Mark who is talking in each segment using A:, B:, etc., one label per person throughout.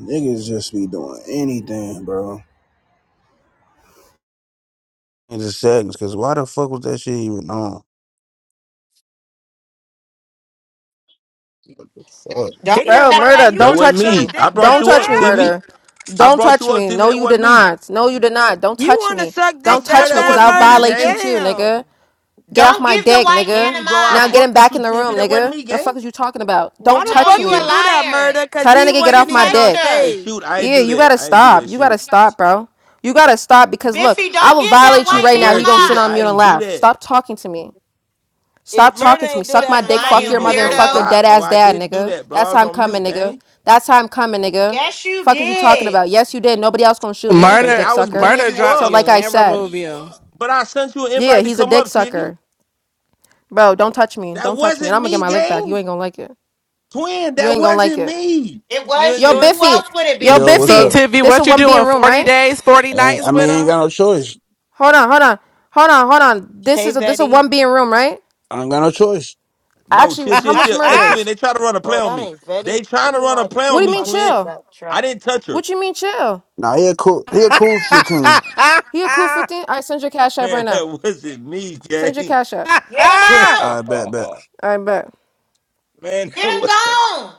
A: Niggas just be doing anything, bro. In the seconds, cause why the fuck was that shit even on? Fuck.
B: Don't let
C: Bro,
D: Damn,
B: that
D: murder,
B: white
C: murder,
D: you
E: That
C: don't
D: want to
E: wasn't
C: touch
D: suck
E: me.
C: me.
E: I
D: dick
E: brought
C: Don't
D: that
E: you
C: touch
E: up,
C: me,
E: TV.
D: bad?
C: murder.
E: I
C: Don't
E: brought
C: touch
E: you up,
C: me.
E: TV.
C: No,
E: That
C: you did
E: wasn't me.
C: not. No, you did not. Don't
D: You
C: touch
D: want to
C: me.
D: suck
E: I
C: Don't
D: dick
E: swear
D: that
C: touch me,
E: that
C: because
D: bad,
C: I'll
E: wasn't me,
D: murder?
C: violate you
E: gang.
C: too,
D: Damn.
C: nigga. Get off
B: don't
C: my
B: give the
C: dick,
B: white man
C: nigga.
B: a
E: TV, bro, I
C: Now
B: mod.
C: get him
E: fuck with
C: back
E: you,
C: in the room,
E: TV. That wasn't
C: nigga.
E: me,
C: The
E: gang.
C: fuck is you talking about?
D: Why
C: Don't
D: the
B: No,
C: touch
D: fuck
B: you a
D: you
C: me.
D: do that,
B: liar.
D: murder? Because
C: Tell that
D: he
C: nigga get
B: You
C: off
D: wasn't
C: my
D: even on
B: touched
C: dick.
E: Hey,
B: her.
D: stage.
E: shoot, I ain't
C: Yeah,
E: do
C: you
E: that.
C: gotta
E: I ain't do
C: stop.
E: that,
C: You gotta
E: shoot.
C: stop, bro. You gotta stop because look,
B: Biffy,
C: I
B: don't
C: will
B: give that
C: violate
E: I
C: you
B: white
C: right
B: man
C: now.
E: swear,
C: He gonna sit
E: TV,
C: on
E: I
C: mute and
E: ain't do
C: laugh.
E: that.
C: Stop talking to me.
D: If
C: Stop
D: murder
C: talking to me.
D: ain't do
B: a
C: Suck
D: that,
C: my
B: mod. Fucking
C: dick.
D: somebody
C: Fuck your
B: lying
E: TV,
C: mother
D: framed
C: and
E: bro,
D: his
C: fuck your
B: weirdo.
D: ass.
E: stop,
C: dead
E: bro.
C: ass
E: I
C: dad,
E: didn't do
C: nigga.
E: that, bro.
C: That's
E: I
C: how
E: was
C: I'm
E: on
C: coming,
E: mute,
C: nigga.
E: gang.
C: That's how I'm coming, nigga.
B: Yes, you
C: Fuck is you talking
B: did.
C: about? Yes, you did. Nobody else gonna shoot me up there,
E: TV,
F: Murder,
C: dick
E: I was
C: sucker.
E: bringing
F: murder
E: you
F: drop
C: So
E: up,
C: like
F: you
C: I
F: and
C: said,
F: remove you.
E: but I sent you an
C: yeah,
E: invite to
C: he's a
E: come
C: dick
E: up, TV.
C: sucker, bro. Don't touch me.
E: That
C: Don't touch me. And
E: wasn't
C: I'm gonna get
E: me,
C: my lick back. You
E: gang.
C: ain't gonna like it.
E: Twin,
C: You
E: that
C: ain't gonna like
E: wasn't
C: it.
E: me.
B: It
D: You
B: was
D: was
C: Yo,
B: you.
D: doing?
B: Who
C: Biffy.
B: else would it
C: Yo,
B: be?
A: Yo, what's
F: So,
C: Biffy.
A: up?
F: Tiffy,
C: This a
F: what you
C: one being
F: doing?
C: room,
F: 40
C: right?
F: days, 40
A: Ain't-
F: nights
A: I
F: with
A: mean, ain't
F: him?
A: got no choice.
C: Hold on, hold on, hold on, hold on. This
D: Hey,
C: is a this a
D: Betty.
C: one being room, right?
A: I ain't got no choice.
E: No,
C: Actually,
E: chill,
C: how
E: chill,
C: much
E: chill. Hey, twin,
C: murders?
E: they try to run a play
D: Oh,
E: on
D: that
E: me.
D: ain't Betty.
E: They trying
D: Give
E: to
D: me
E: run a
D: my,
E: play
D: give
C: What
E: on
C: do
D: me
C: you
E: me,
C: mean
D: my
E: twin.
D: shit
C: chill?
D: back,
E: I
D: trap.
E: didn't touch her.
C: What you mean chill?
A: Nah, he a cool, he a cool fifteen.
C: He a cool 15? I send your cash app
E: Man,
C: right now.
E: that wasn't me,
C: Send your
E: gang.
C: cash app.
B: Get him
E: Twin,
B: out.
A: I bet, bet.
E: oh,
C: I bet.
E: man, that
B: Get him
E: was-
B: gone.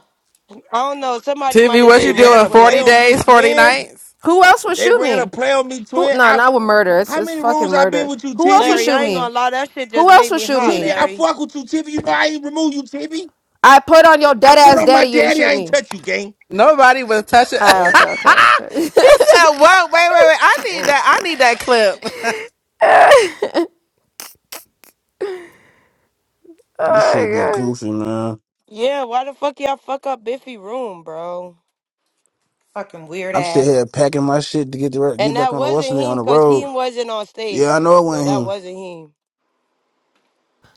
D: I don't know. Somebody
F: Tiffy,
D: might have
F: what
D: did
E: they
F: you
D: run a
E: ran
F: doing?
E: a
D: play
E: play
F: 40
D: on
E: on
D: him.
E: me,
F: days, 40
E: twin.
F: nights?
C: Who else would
E: They
C: shoot
E: ran a
C: me?
E: play on me,
C: Who?
E: twin.
C: No,
E: I,
C: not with murder. It's,
E: how
C: it's
E: many
C: fucking
E: rooms I been
C: murder.
E: with you,
C: Who else would
E: Tibby?
D: Larry,
C: shoot
D: I ain't
C: me?
D: gonna lie. That shit just
C: Who else
D: made
C: would
D: me
C: shoot
D: hot,
E: Tibby,
C: me?
E: I
D: Larry.
E: fuck with you, Tibby. You know I ain't remove you, Tibby.
C: I put on your
E: I
C: dead
E: put
C: ass
E: on my
C: daddy. You ain't
E: daddy.
C: shoot
E: I ain't
C: me.
E: touch you, gang.
F: Nobody was touching.
E: Uh-uh.
C: Ah, okay,
D: Damn.
C: okay, okay.
F: he said, what? Wait, wait, wait. I need
D: damn.
F: that. I need that clip.
C: oh
A: This shit be
C: my god.
A: goofy, man.
D: Yeah, why the fuck y'all fuck up Biffy room, bro?
B: Fucking weird
A: I'm still
B: ass.
A: here packing my shit to get the
D: And
A: get back
D: that
A: on the what's
D: wasn't
A: the name,
D: him
A: on the
D: because he
A: road.
D: wasn't on stage
A: Yeah, I
D: yet.
A: know it
D: So
A: went
D: that
A: him.
D: wasn't him.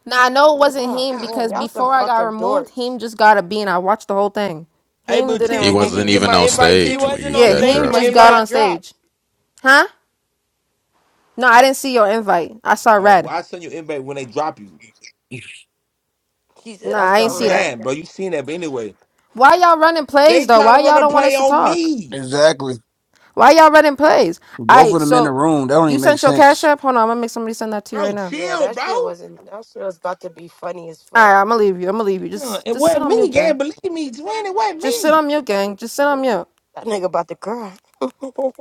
C: Now I know it wasn't
D: God
C: him
D: damn,
C: because
D: y'all some
C: before I got
D: fucking
C: removed,
D: dorks.
C: him just got a bean. I watched the whole thing.
E: Hey,
C: Him
E: but
C: didn't
G: He
E: Tibby,
C: remove
E: didn't you
G: wasn't
C: me.
E: get
G: even
E: my
G: on
E: invite,
D: He
G: stage
E: Tibby?
G: when
D: wasn't
G: you
D: on
C: Yeah,
G: got
E: Didn't you see
D: stage
C: him
G: drunk.
E: my
D: when
C: just
D: you
C: got
E: invite?
D: got
C: on
D: dropped.
C: stage. Huh? No, I didn't see your invite. I saw
E: Oh,
C: red.
E: why send you invite when they drop you?
D: He said,
C: Nah,
D: I
C: I
D: saw
C: ain't
E: You
C: see that.
D: red.
E: lying, bro. You seen that, but anyway,
C: Why y'all running
E: they
C: plays though?
E: trying
C: Why
E: to run
C: y'all
E: a
C: don't want
E: play
C: us to
E: on
C: talk?
E: me,
A: Exactly.
C: Why y'all running plays? All
A: Both of
C: right,
A: them in the
C: so
A: room. That don't
C: you
A: even make
C: sent your cash
A: sense.
C: app. Hold on, I'm gonna make somebody send that to you right
E: bro.
C: now.
D: Yeah,
E: Chill,
D: that
E: bro.
D: shit wasn't, that shit was about to be funny as
C: All
D: fuck.
C: right, I'm gonna leave you. I'm gonna leave you.
E: Yeah,
C: Just
E: it
C: just sit
E: wasn't
C: on
E: me,
C: mute, gang.
E: gang. Believe me, Dwayne, it wasn't
C: Just sit
E: me.
C: on mute, gang. Just sit
E: All
C: on mute.
D: That nigga about to cry. Who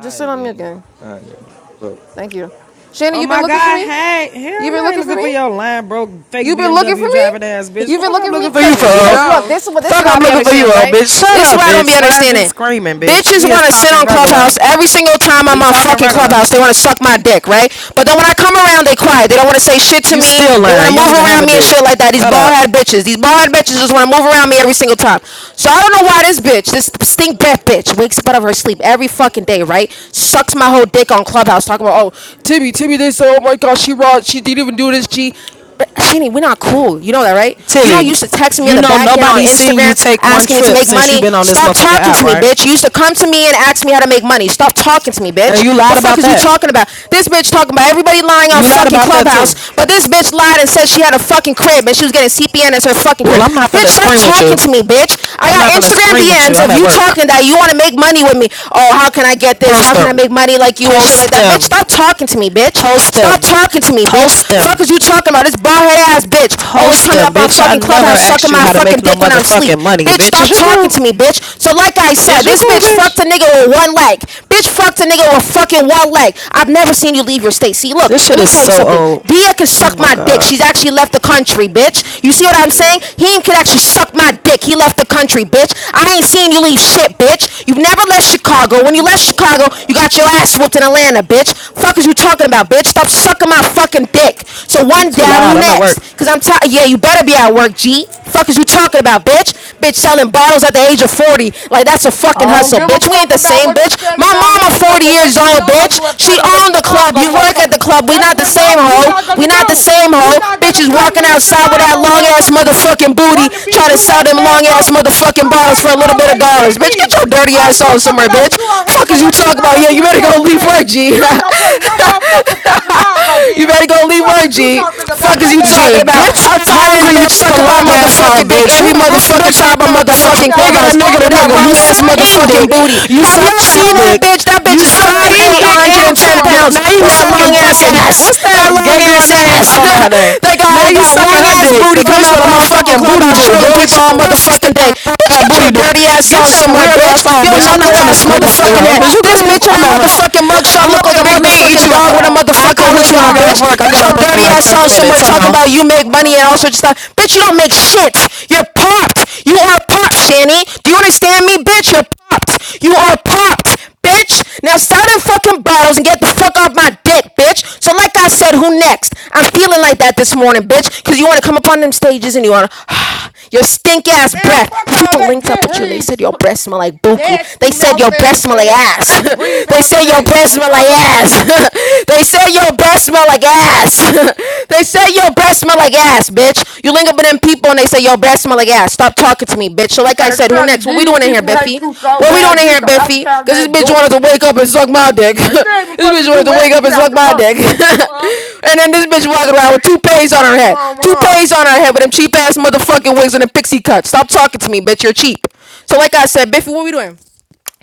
C: Just sit on mute,
E: gang.
C: gang.
E: All right, gang.
C: Thank you. Shannon,
H: Oh
C: you been
H: my
C: looking for
H: God,
C: me?
H: hey,
C: You
H: hell no,
C: been
H: I ain't
C: looking for
H: looking
C: me?
H: for your line broke fake
C: You've been looking for
H: BMW
C: me?
H: driving ass bitch.
C: You've been
H: Fuck, I'm
C: looking for
H: looking
C: me?
H: for
F: Uh,
H: you
C: Cause
H: fool.
F: Here we
C: cause look,
F: go.
C: this is what this is
H: Fuck,
C: why
H: I'm
C: I be
H: looking for you,
C: understanding,
H: old
C: right?
H: bitch. Shut
C: This is
H: up,
C: why I don't be
H: bitch. Why is you
C: understanding.
H: screaming, bitch?
C: Bitches
H: We is
C: wanna sit
H: talking
C: on
H: regular.
C: Clubhouse every single time I'm
H: We
C: on
H: talking
C: fucking
H: regular.
C: Clubhouse. They wanna suck my dick, right? But then when I come around, they quiet. They don't wanna say shit to
H: You
C: me.
H: still
C: They wanna
H: lying. You
C: move
H: don't even have
C: around
H: a
C: me and
H: dick.
C: shit like that. These
H: Shut
C: bald
H: up,
C: head bitches. These bald head bitches just wanna move around me every single time. So I don't know why this bitch, this stink death bitch, wakes up out of her sleep every fucking day, right? Sucks my whole dick on Clubhouse talking about, oh, Timmy, Timmy, this, oh my god, she raw, she didn't even do this, G. But Sydney, we're not cool. You know that, right? You don't
H: Tilly.
C: used to text me on
H: You
C: the
H: know
C: back end on
H: nobody's seen
C: Instagram
H: you take one
C: asking me to
H: trip
C: make
H: since you
C: money.
H: been on this
C: Stop
H: motherfucking
C: talking
H: app,
C: to me,
H: right?
C: bitch. You used to come to me and ask me how to make money. Stop talking to me,
H: And
C: bitch.
H: you
C: The
H: lied
C: fuck
H: about
C: is you
H: that.
C: talking about? This bitch talking about everybody lying on
H: You lied
C: fucking
H: about that too.
C: Clubhouse, but this bitch lied and said she had a fucking crib and she was getting CPN as her fucking
H: Well,
C: crib.
H: I'm not
C: Bitch,
H: finna
C: stop
H: scream with
C: talking
H: you.
C: to me, bitch. I
H: I'm
C: got
H: not finna
C: Instagram
H: scream with you.
C: DMs
H: I'm
C: of
H: at
C: you
H: work.
C: talking that you want to make money with me. Oh, how can I get this?
H: Post
C: How can I
H: them.
C: make money like you and shit like
H: Post
C: that? Bitch,
H: them.
C: stop talking to me, bitch.
H: Post
C: Stop
H: them.
C: talking to me, bitch bitch.
H: Post
C: Fuck
H: them.
C: is you talking about? This bald head ass bitch always
H: Post
C: coming
H: them,
C: up on
H: bitch. I
C: fucking
H: never
C: clubhouse
H: asked
C: sucking
H: you
C: my
H: how to make
C: fucking
H: no
C: dick when I'm asleep.
H: motherfucking money,
C: Bitch,
H: bitch. Is
C: stop
H: you
C: talking
H: cool?
C: to me, bitch. So like I said,
H: Is you
C: this
H: cool,
C: bitch fucked
H: bitch?
C: a nigga with one leg. Bitch fucked a nigga with fucking one leg. I've never seen you leave your state. See, look,
H: This shit
C: let me
H: is
C: tell you
H: so
C: something.
H: old.
C: Dia can
H: Oh
C: suck
H: my
C: my dick.
H: god.
C: She's actually left the country, bitch. You see what I'm
H: Gee.
C: saying? He could actually suck my dick. He left the country, bitch. I ain't seen you leave shit, bitch. You've never left Chicago. When you left
H: Oh
C: Chicago, you
H: god.
C: got your ass whooped in Atlanta, bitch. Fuck is you talking about, bitch? bitch. Stop sucking my fucking dick. So
H: You
C: one
H: too
C: down,
H: loud.
C: who
H: I'm at work.
C: next? Cause I'm tired. Yeah, you better be at work, G. Fuck is you talking about, bitch? Bitch selling bottles at the age of 40. Like that's a
I: I
C: fucking
I: don't
C: hustle,
I: give a
C: bitch. We ain't
I: fuck
C: the
I: about
C: same,
I: what you
C: bitch.
I: said
C: My
I: about
C: mama
I: him,
C: 40
I: but
C: years
I: what you
C: old,
I: not gonna
C: bitch.
I: do is
C: She
I: play with a
C: owned the club.
I: Chicago
C: You work at
I: motherfucker.
C: the club. We
I: That's
C: not the
I: what not
C: same
I: you
C: hoe.
I: not
C: We
I: gonna
C: not the
I: do.
C: same
I: You
C: hoe.
I: not gonna
C: Bitches
I: play
C: walking
I: with a
C: outside with that
I: Chicago
C: long ass
I: motherfucker. You
C: motherfucking booty,
I: wanna be
C: trying to sell
I: U.S.
C: them long ass
I: asshole.
C: motherfucking
I: Oh
C: bottles
I: my
C: for a little
I: soul,
C: bit of
I: a
C: dollars, bitch.
I: T
C: Get
I: V.
C: your dirty
I: I don't
C: ass
I: give a
C: on
I: fuck
C: somewhere,
I: about
C: bitch.
I: you or him,
C: Fuck
I: but
C: is you
I: what you
C: talking
I: not
C: about?
I: gonna
C: Yeah,
I: do
C: you
I: is
C: better
I: play
C: go
I: with
C: leave
I: Shannon.
C: work, G.
I: You ain't gonna play with no motherfucker from Chicago,
C: you
I: bitch.
C: better go leave
I: Fuck
C: work,
I: is you
C: G.
I: talking
C: Fuck
I: about?
C: is
I: Your
C: you
I: ass a
C: talking
H: G,
C: about?
H: get
I: bum?
H: your
C: I'm tired of this
I: Fuck
H: hungry
I: is
C: bitch
H: looking
I: you
H: for
C: sucking
I: talking
C: my
H: love
I: about,
H: ass
C: motherfucking
H: on,
I: bitch?
C: dick
H: bitch. You
C: every
H: the only
C: motherfucking
H: bitch I
C: time I'm
H: know that went
I: You
H: from
C: motherfucking
I: got
H: nigga
I: her
H: to
C: clubhouse
H: nigga to
C: with
I: fucked up.
C: that
H: nigga. You
I: Take
C: long
I: your
C: ass
H: suck
I: wires
H: team
I: out,
C: motherfucking
H: dick.
I: bitch.
C: booty.
H: You
C: Have
H: suck
C: y'all
H: trap
C: seen that
H: dick.
I: Fuck.
C: bitch? That
H: You
C: bitch is
I: Y'all
H: suck
I: let be
H: team
I: having
H: dick
C: 5'8",
H: and
I: Chicago
C: 110
H: trap dick.
C: pounds
I: motherfucker
H: Now you
C: with that
I: fucked up
C: long
H: sucking
I: on
C: ass
I: all
H: fucking
C: ass.
H: what's
I: levels.
C: That
H: that
C: long
H: gay girl
C: ass
H: name? I
C: ass.
H: don't know her name.
C: they got
H: Now
C: they
H: you
C: got a
H: sucking
C: long
H: her
C: ass
H: dick. The
C: booty
I: Fuck
C: coming
I: is
H: bitch with
C: up
H: a
I: wrong
C: out
I: with
C: fucking
H: motherfucking
I: y'all?
H: booty
C: clubhouse
I: Cover
H: do,
I: the
C: trolling
H: bitch.
I: vice
C: people
H: Her
C: all
I: lord.
H: stomach
C: motherfucking
H: sticking
C: day.
H: out more than
C: Bitch,
H: her
C: get
H: booty
C: your
H: do.
C: dirty ass
H: Get
C: on
H: your
C: somewhere,
H: weird ass
C: bitch.
H: on,
C: Your
H: bitch.
I: Now
H: I'm
I: I'm
C: knuckle
H: not
I: with
H: finna
I: you
C: ass
I: when
H: scream
I: you
H: with
I: say
H: you,
C: motherfucking
H: hoe.
C: head.
H: Is you
I: fuck
C: This
I: him
H: cool?
C: bitch and
I: on
H: I'm
C: her
H: at
I: my
C: motherfucking
I: show.
H: work.
C: motherfucking
I: But what
C: mugshot
H: I'm
I: you
H: gonna
C: look
I: not
C: like a
I: gonna
H: Big
I: do is
H: Knee eat
I: play
C: motherfucking
H: you
I: with
C: dog
H: out.
C: with a
I: uh
H: I'll
C: motherfucking
I: a
H: call it
C: wig
H: you when I
C: on,
H: get
I: Chicago
H: off
C: bitch.
H: work.
I: bitch.
H: I
C: Get
H: got
I: That's
H: off
C: your
I: what
H: work
I: you
H: in
C: dirty
I: not
H: like
C: ass
I: gonna
H: 30
C: on
I: do.
C: somewhere
H: minutes. Hold
C: talking about
H: on.
C: you make
I: On
C: money
I: my
C: and all
I: show.
C: sorts of stuff. Bitch, you don't make shit. You're popped. You are popped, Shanny. Do you understand me, bitch? You're popped. You are popped, bitch. Now start in fucking bottles and get the fuck off my dick, neck, bitch. So, like I said, who next? I'm feeling like that this morning, bitch, because you want to come up on them stages and you want to, your stink ass
I: Man,
C: breath.
I: fuck all
C: People
I: that
C: linked up
I: get
C: with you and they
I: him
C: said your
I: p-
C: breath smell like buku.
I: nasty
C: They said
I: mouth
C: your breath
I: ass in
C: smell like
I: here.
C: ass.
I: Can't breathe
C: they said
I: having
C: your
I: ass
C: breath
I: on
C: smell like
I: cover the vice lord.
C: ass. they said your breath smell like ass. They say your breath smell like ass, bitch. You link up with them people and they say your breath smell like ass. Stop talking to me, bitch. So like I
I: And
C: said, who
I: Sally,
C: next? What we
I: these
C: doing in here,
I: people hate
C: Biffy?
I: you so
C: What we doing
I: bad,
C: in
I: these
C: here,
I: some out of
C: Biffy?
I: town
C: Cause this
I: ass
C: bitch
I: dorks.
C: wanted to wake up and suck my dick.
I: And she even
C: this
I: from the
C: bitch wanted to wake
I: U.S.
C: up
I: She
C: and
I: out
C: suck
I: the
C: my dick.
I: country. Well,
C: and then this bitch walking around with toupees on her
I: nothing
C: head.
I: wrong with her.
C: Toupees on her head with them cheap ass motherfucking wigs and the pixie cuts. Stop talking to me, bitch. You're cheap. So like I said, Biffy, what we doing?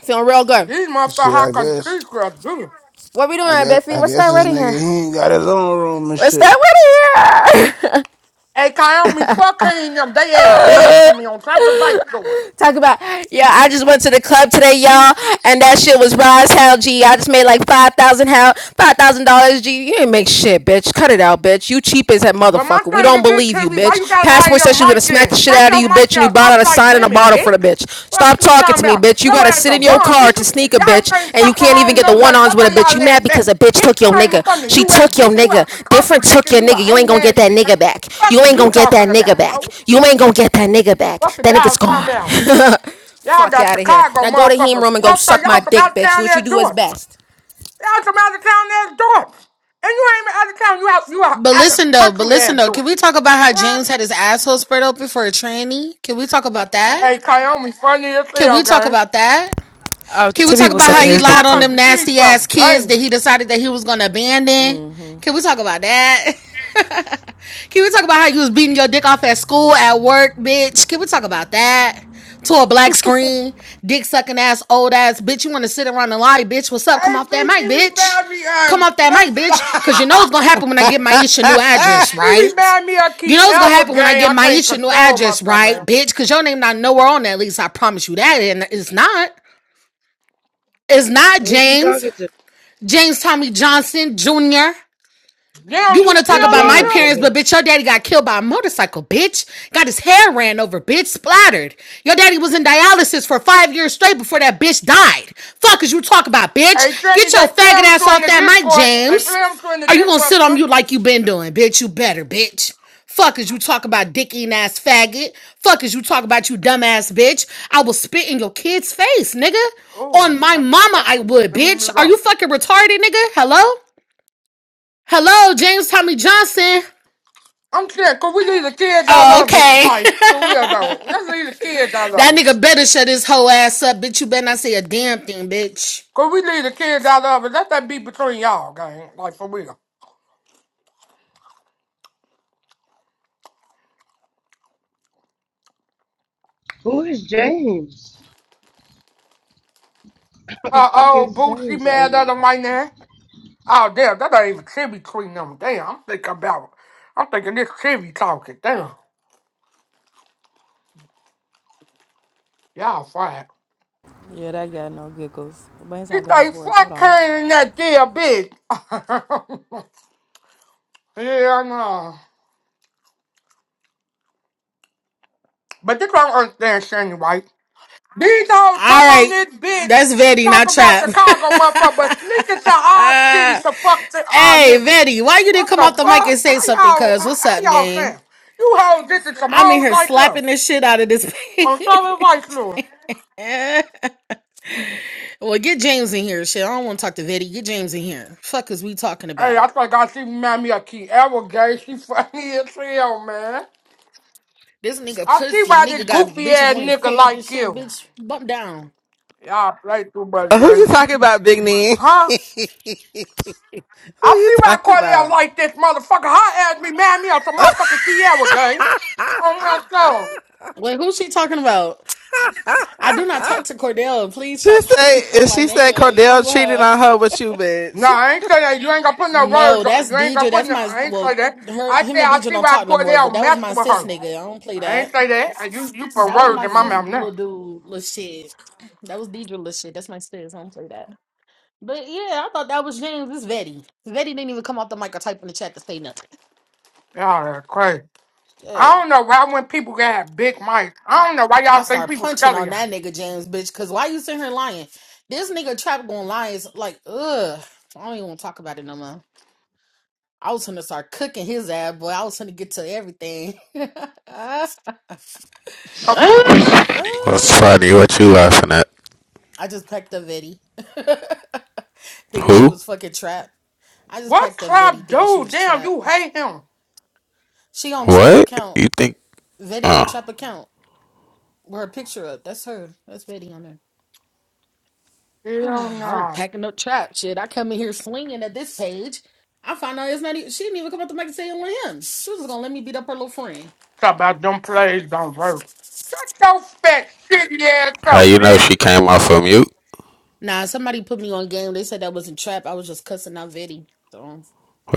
C: Feeling real good.
I: These motherfuckers
A: Shit, I
I: hot
A: guess.
I: country girls do.
C: What we
A: I
C: doing,
A: guess.
C: Biffy?
A: I
C: What's that
A: guess
C: right
A: this
C: in here?
A: nigga he ain't got his own room and
C: What's
A: shit.
C: that right in here?
I: Hey, Naomi, fuck her and them. They ass dead to me on top of the vice door.
C: Talk about yeah. I just went to the club today, y'all, and that shit was raw as hell. G, I just made like five thousand hell, five thousand dollars. G, you ain't make shit, bitch. Cut it out, bitch. You cheap as that
I: But my
C: motherfucker. We
I: thing
C: don't
I: is this,
C: believe you,
I: Timmy, why you
C: bitch.
I: gotta have
C: Passport says
I: your
C: she was gonna
I: mic
C: smack the
I: in?
C: shit
I: Take
C: out of
I: your
C: you,
I: mic
C: bitch, and you
I: out.
C: bought
I: Talk
C: out a
I: like
C: sign and a
I: women,
C: bottle for the bitch
I: bitch.
C: bitch.
I: Fuck
C: Stop
I: you
C: talking
I: talking
C: to me,
I: about?
C: bitch. You
I: Your
C: gotta
I: ass
C: sit
I: a
C: in your
I: bum,
C: car
I: bitch.
C: to
I: You,
C: sneak a
I: y'all can't
C: bitch, and
I: fuck
C: you
I: with
C: can't
I: her
C: even
I: on
C: get
I: no
C: the one
I: level.
C: ons
I: That's
C: with
I: how
C: a bitch.
I: y'all
C: You
I: ass
C: mad because
I: that.
C: a bitch
I: Bitch,
C: took
I: you
C: your
I: ain't even
C: nigga.
I: from the
C: She
I: U.S.
C: took your
I: Bitch, you
C: nigga.
I: out the country,
C: Different
I: bitch,
C: took
I: and
C: your
I: you a
C: nigga. You ain't
I: ain't
C: gonna get
I: ass
C: that
I: bitch.
C: nigga back.
I: Fuck
C: You
I: is
C: ain't
I: you
C: gonna get that
I: talking
C: nigga
I: about?
C: back.
I: Oh.
C: You ain't gonna get that nigga back.
I: What did
C: That
I: y'all
C: nigga's
I: calm
C: gone.
I: down? Y'all
C: Fuck
I: got
C: out of here.
I: Chicago
C: Now go to him
I: motherfuckers
C: room and go
I: fucked up.
C: suck my
I: Y'all from out
C: dick,
I: of
C: bitch. Do
I: town
C: what you
I: there
C: do
I: do
C: is
I: it.
C: best.
I: Y'all from out of town there do it. And you ain't even out of town. You out you out,
J: But
I: out of
J: listen though, but
I: country there
J: listen though,
I: do it.
J: can we talk about how
I: What?
J: James had his asshole spread open for a tranny? Can we talk about that?
I: Hey, Wyoming funny as
J: Can
I: hell,
J: we talk
I: gang.
J: about that?
H: Oh,
J: Can we
H: two
J: talk
H: people
J: about how
H: sucking
I: And
J: he
H: his
I: these
H: dick
J: lied
I: high
J: on
H: too.
J: them
I: country cheese
J: nasty
I: crowds
J: ass
I: are
J: kids
I: banging.
J: that he decided that he was gonna abandon? Can we talk about that? Can we talk about how you was beating your dick off at school, at work, bitch? Can we talk about that? To a black screen, dick sucking ass, old ass, bitch. You want to sit around and lie, bitch? What's up? Come
I: Hey,
J: off that
I: G,
J: mic,
I: she
J: bitch.
I: remind me
J: Come
I: of
J: off that mic,
I: nothing.
J: bitch. Cause you know it's gonna happen when I
F: Who
J: get Maisha new address,
I: she
J: right?
I: remind me of
J: You
I: Key
J: know what's gonna
I: Elwood,
J: happen when I
I: gang.
J: get
I: I can't
J: Maisha new
I: control
J: address,
I: myself,
J: right,
I: man.
J: bitch? Cause your name not nowhere on that lease. I promise you that, and it's not. It's not
D: is she
J: James.
D: talking to?
J: James Tommy Johnson Jr.
I: Damn,
J: You
I: you
J: want to talk
D: Who
I: still
J: about my
D: James
I: on
D: in
I: him?
J: parents,
D: here?
J: but bitch, your daddy got killed by a motorcycle, bitch. Got his hair ran over, bitch, splattered. Your daddy was in dialysis for five years straight before that bitch died. Fuck is you talk about,
I: Hey,
J: bitch?
I: Teddy,
J: Get
I: they
J: your
I: play
J: faggot
I: him
J: ass
I: through in
J: off
I: the
J: that mic,
I: Discord. They play
J: James.
I: him through in the
J: Are you gonna
I: Discord,
J: sit
I: too.
J: on mute like you been doing, bitch? You better, bitch. Fuck is you talk about dick eating ass faggot. Fuck is you talk about you dumbass bitch. I will spit in your kid's face, nigga.
I: Oh,
J: On my
I: that,
J: mama,
I: that's
J: I
I: cool.
J: would,
I: Let me
J: bitch.
I: mute
J: Are you
I: up.
J: fucking retarded, nigga? Hello? Hello, James Tommy Johnson.
I: I'm saying, could we leave the kids out
J: Oh,
I: of it?
J: okay.
I: Like, for real, though. Let's leave the kids out of
J: that
I: it.
J: nigga better shut his whole ass up, bitch. You better not say a damn thing, bitch.
I: Could we leave the kids out of it? Let that be between y'all, gang. Like, for real.
D: Who is James? Who the
I: Uh
D: fuck
I: oh,
D: is
I: Bootsy
D: James on
I: mad
D: here?
I: at him right now. Oh, damn, that ain't even Chevy between them. Damn, I'm thinking about I'm thinking this Chevy talking. Damn, y'all fired.
H: Yeah, that got no giggles. But it's
I: He
H: all good off
I: like,
H: work. Hold
I: fuck
H: on.
I: her in that damn bitch. Yeah, I know. But this don't understand Shane White. These hoes come
J: All
I: on
J: right.
I: this bitch,
J: That's Vetti,
I: talk
J: not
I: about
J: Trap.
I: Chicago, motherfucker, but sneak into our city
J: uh,
I: to fuck to our
J: hey,
I: niggas.
J: Vetti, why you didn't
I: What
J: come
I: the
J: off the mic and
I: fuck?
J: say
I: How
J: something,
I: y'all,
J: cuz?
I: how,
J: What's
I: how
J: up,
I: y'all
J: gang?
I: sound? You hoes, this is some
J: I'm in
I: hoes
J: here
I: like
J: slapping
I: us.
J: the shit out of this
I: On
J: page.
I: Southern Vice Lord.
J: well, get James in here, shit. I don't want to talk to Vetti. Get James in here. Fuck is we talking
I: Hey,
J: about?
I: I think I see Mammy a key ever gay. She funny as hell, man.
J: This nigga
I: I see
J: pussy.
I: why this
J: Nigga got
I: goofy
J: bitches
I: ass
J: on his
I: nigga
J: page and
I: like
J: shit,
I: you.
J: bitch. Bump down.
I: Y'all play too much, gang.
F: you talking about, Big Knee?
I: Huh?
F: Who
I: I
F: you
I: see why
F: talking
I: Cordell
F: about?
I: like this motherfucker. Her ass me, man, me on some motherfucking Kiara gang. Oh my soul.
J: Wait, who's she talking about? I do not talk to Cordell. Please
F: She
J: stop putting
F: said,
J: on
F: and
J: my
F: she
J: name.
F: said
J: What is wrong
F: Cordell
J: with
F: cheated
J: her?
F: on her with you, bitch.
I: No, I ain't say that. You ain't gonna put no
J: No,
I: words.
J: that's
I: You ain't gonna
J: DJ.
I: put
J: That's
I: no.
J: my
I: I ain't say
J: well,
I: that.
J: her
I: I say
J: him and
I: I
J: DJ
I: see
J: don't
I: why
J: talk no more, but
I: Cordell
J: that was
I: messed
J: my
I: with
J: sis
I: her.
J: nigga. I don't play
I: I ain't
J: that.
I: say that. And You you put
J: That was
I: words
J: my
I: in my
J: sis
I: mouth now.
J: little dude little shit. That was DJ little shit. That's my sis. I don't play that. But yeah, I thought that was James. It's Vetty. Vetty didn't even come off the mic or type in the chat to say nothing.
I: Y'all are crazy.
J: Yeah.
I: I don't know why when people got big mics. I don't know why y'all
J: I
I: think
J: start
I: people
J: punching
I: scared of
J: on
I: y'all.
J: that nigga James bitch. Cause why you sitting here lying? This nigga trap gonna lie is like, ugh. I don't even want to talk about it no more. I was gonna start cooking his ass, boy. I was gonna get to everything.
G: What's funny?
J: Oh,
G: What you laughing at?
J: I just packed a Vetti, thinking she
G: Who?
J: was fucking trapped. I just
I: What
J: packed a Vetti,
I: club
J: thinking she
I: dude?
J: was
I: Damn,
J: trapped.
I: you hate him.
J: She on trap
G: What?
J: account.
G: You think?
J: Vetti on
G: Uh,
J: trap account. With her picture up. That's her. That's Vetti on there.
I: Hell
J: I was
I: no.
J: packing up trap shit. I come in here swinging at this page. I find out it's not even, she didn't even come up to make a sale on him. She was gonna let me beat up her little friend.
I: Talk about them plays don't work. Shut your fat shitty ass
G: how
I: up,
G: you know
I: bitch.
G: she came off of mute?
J: Nah, somebody put me on game. They said that wasn't trap. I was just cussing out Vitty. So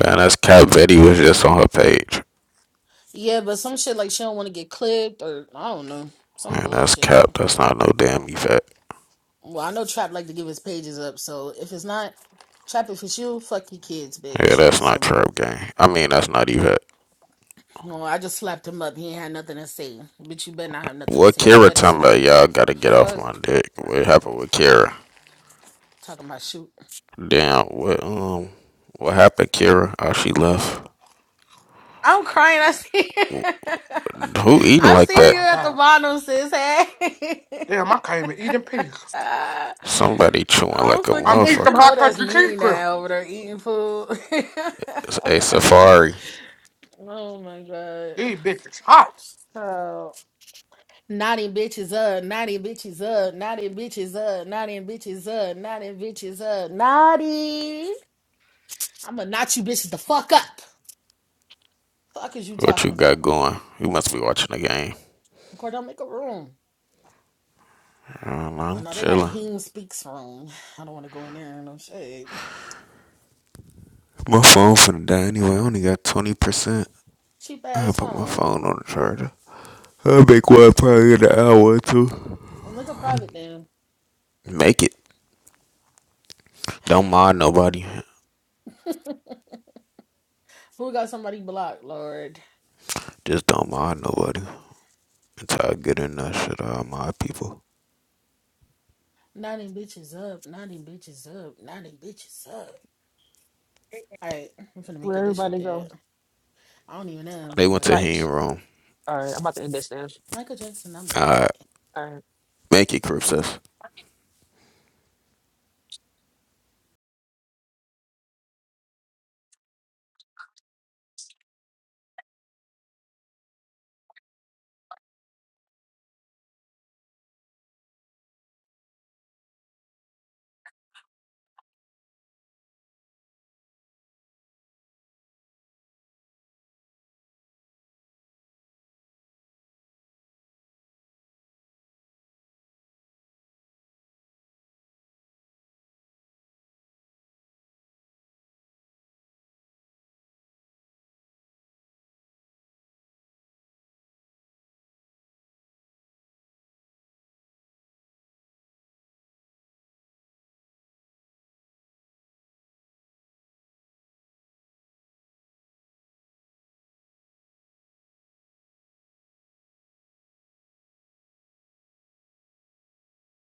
G: Man, that's Cap. Betty was just on her page.
J: yeah, but some shit like she don't want to get clipped or I don't know some
G: Man, that's
J: bullshit.
G: Cap. That's not no damn Yvette.
J: Well, I know Trap like to give his pages up. So if it's not Trap, if it's you, fuck your kids,
G: Yeah,
J: bitch.
G: that's not
J: Simple.
G: Trap Gang. I mean, that's not Yvette.
J: No, I just slapped him up. He ain't had nothing to say. Bitch, you better not have nothing to
G: What
J: say. You
G: Kira
J: better
G: talking
J: sit on
G: about?
J: you.
G: Y'all gotta get off
J: Fuck.
G: my dick. What happened with Kira?
J: Talking about shoot.
G: Damn. What? Um. What happened, Kira? Oh, she left.
J: I'm crying. I see.
G: Who eating
J: I'm
G: like
I: Oh
J: seeing
G: that?
J: you
I: my
J: at the
I: god.
J: bottom, sis. Hey.
I: Damn, I can't even eat in peace.
J: Ah,
G: Somebody chewing
J: I'm
G: like a
I: I'm
J: forget.
I: eating
J: You
I: some
G: motherfucker.
J: know
I: hot
J: that's
I: country cheese
J: me
I: grill.
J: now over there eating food.
G: Hey Safari,
J: oh my god.
I: These bitches hot.
J: Oh. Naughty bitches up, naughty bitches up, naughty bitches up, naughty bitches up, naughty bitches up, naughty. I'ma knot you bitches the fuck up. Fuck is you
G: what you
J: talking about?
G: got going? You must be watching the game.
J: Girl, don't make a room.
G: I don't know,
J: I
G: I'm
J: know they got a
G: chilling.
J: Heme Speaks room. I don't want to go in there. No shade.
G: My phone finna die anyway. I only got twenty percent.
J: Cheap
G: I
J: ass
G: put my
J: phone.
G: phone on the charger. I'll make one probably in an hour or two.
J: Well, make a private then.
G: Make it. Don't mind nobody.
J: Who got somebody blocked, Lord?
G: Just don't mind nobody. Until I get in that shit, I'll mind people.
J: Ninety bitches up. Ninety bitches up. Ninety bitches up. All right, I'm finna make
K: Where
J: it this shit
K: everybody
J: dead.
K: go?
J: I don't even know,
G: They went
K: She
G: to
J: but
K: like,
G: hang room.
K: all right, I'm about to end this now.
J: Michael Jackson, I'ma beat
G: Alright,
J: it.
K: All right.
G: make it, Crip Sis.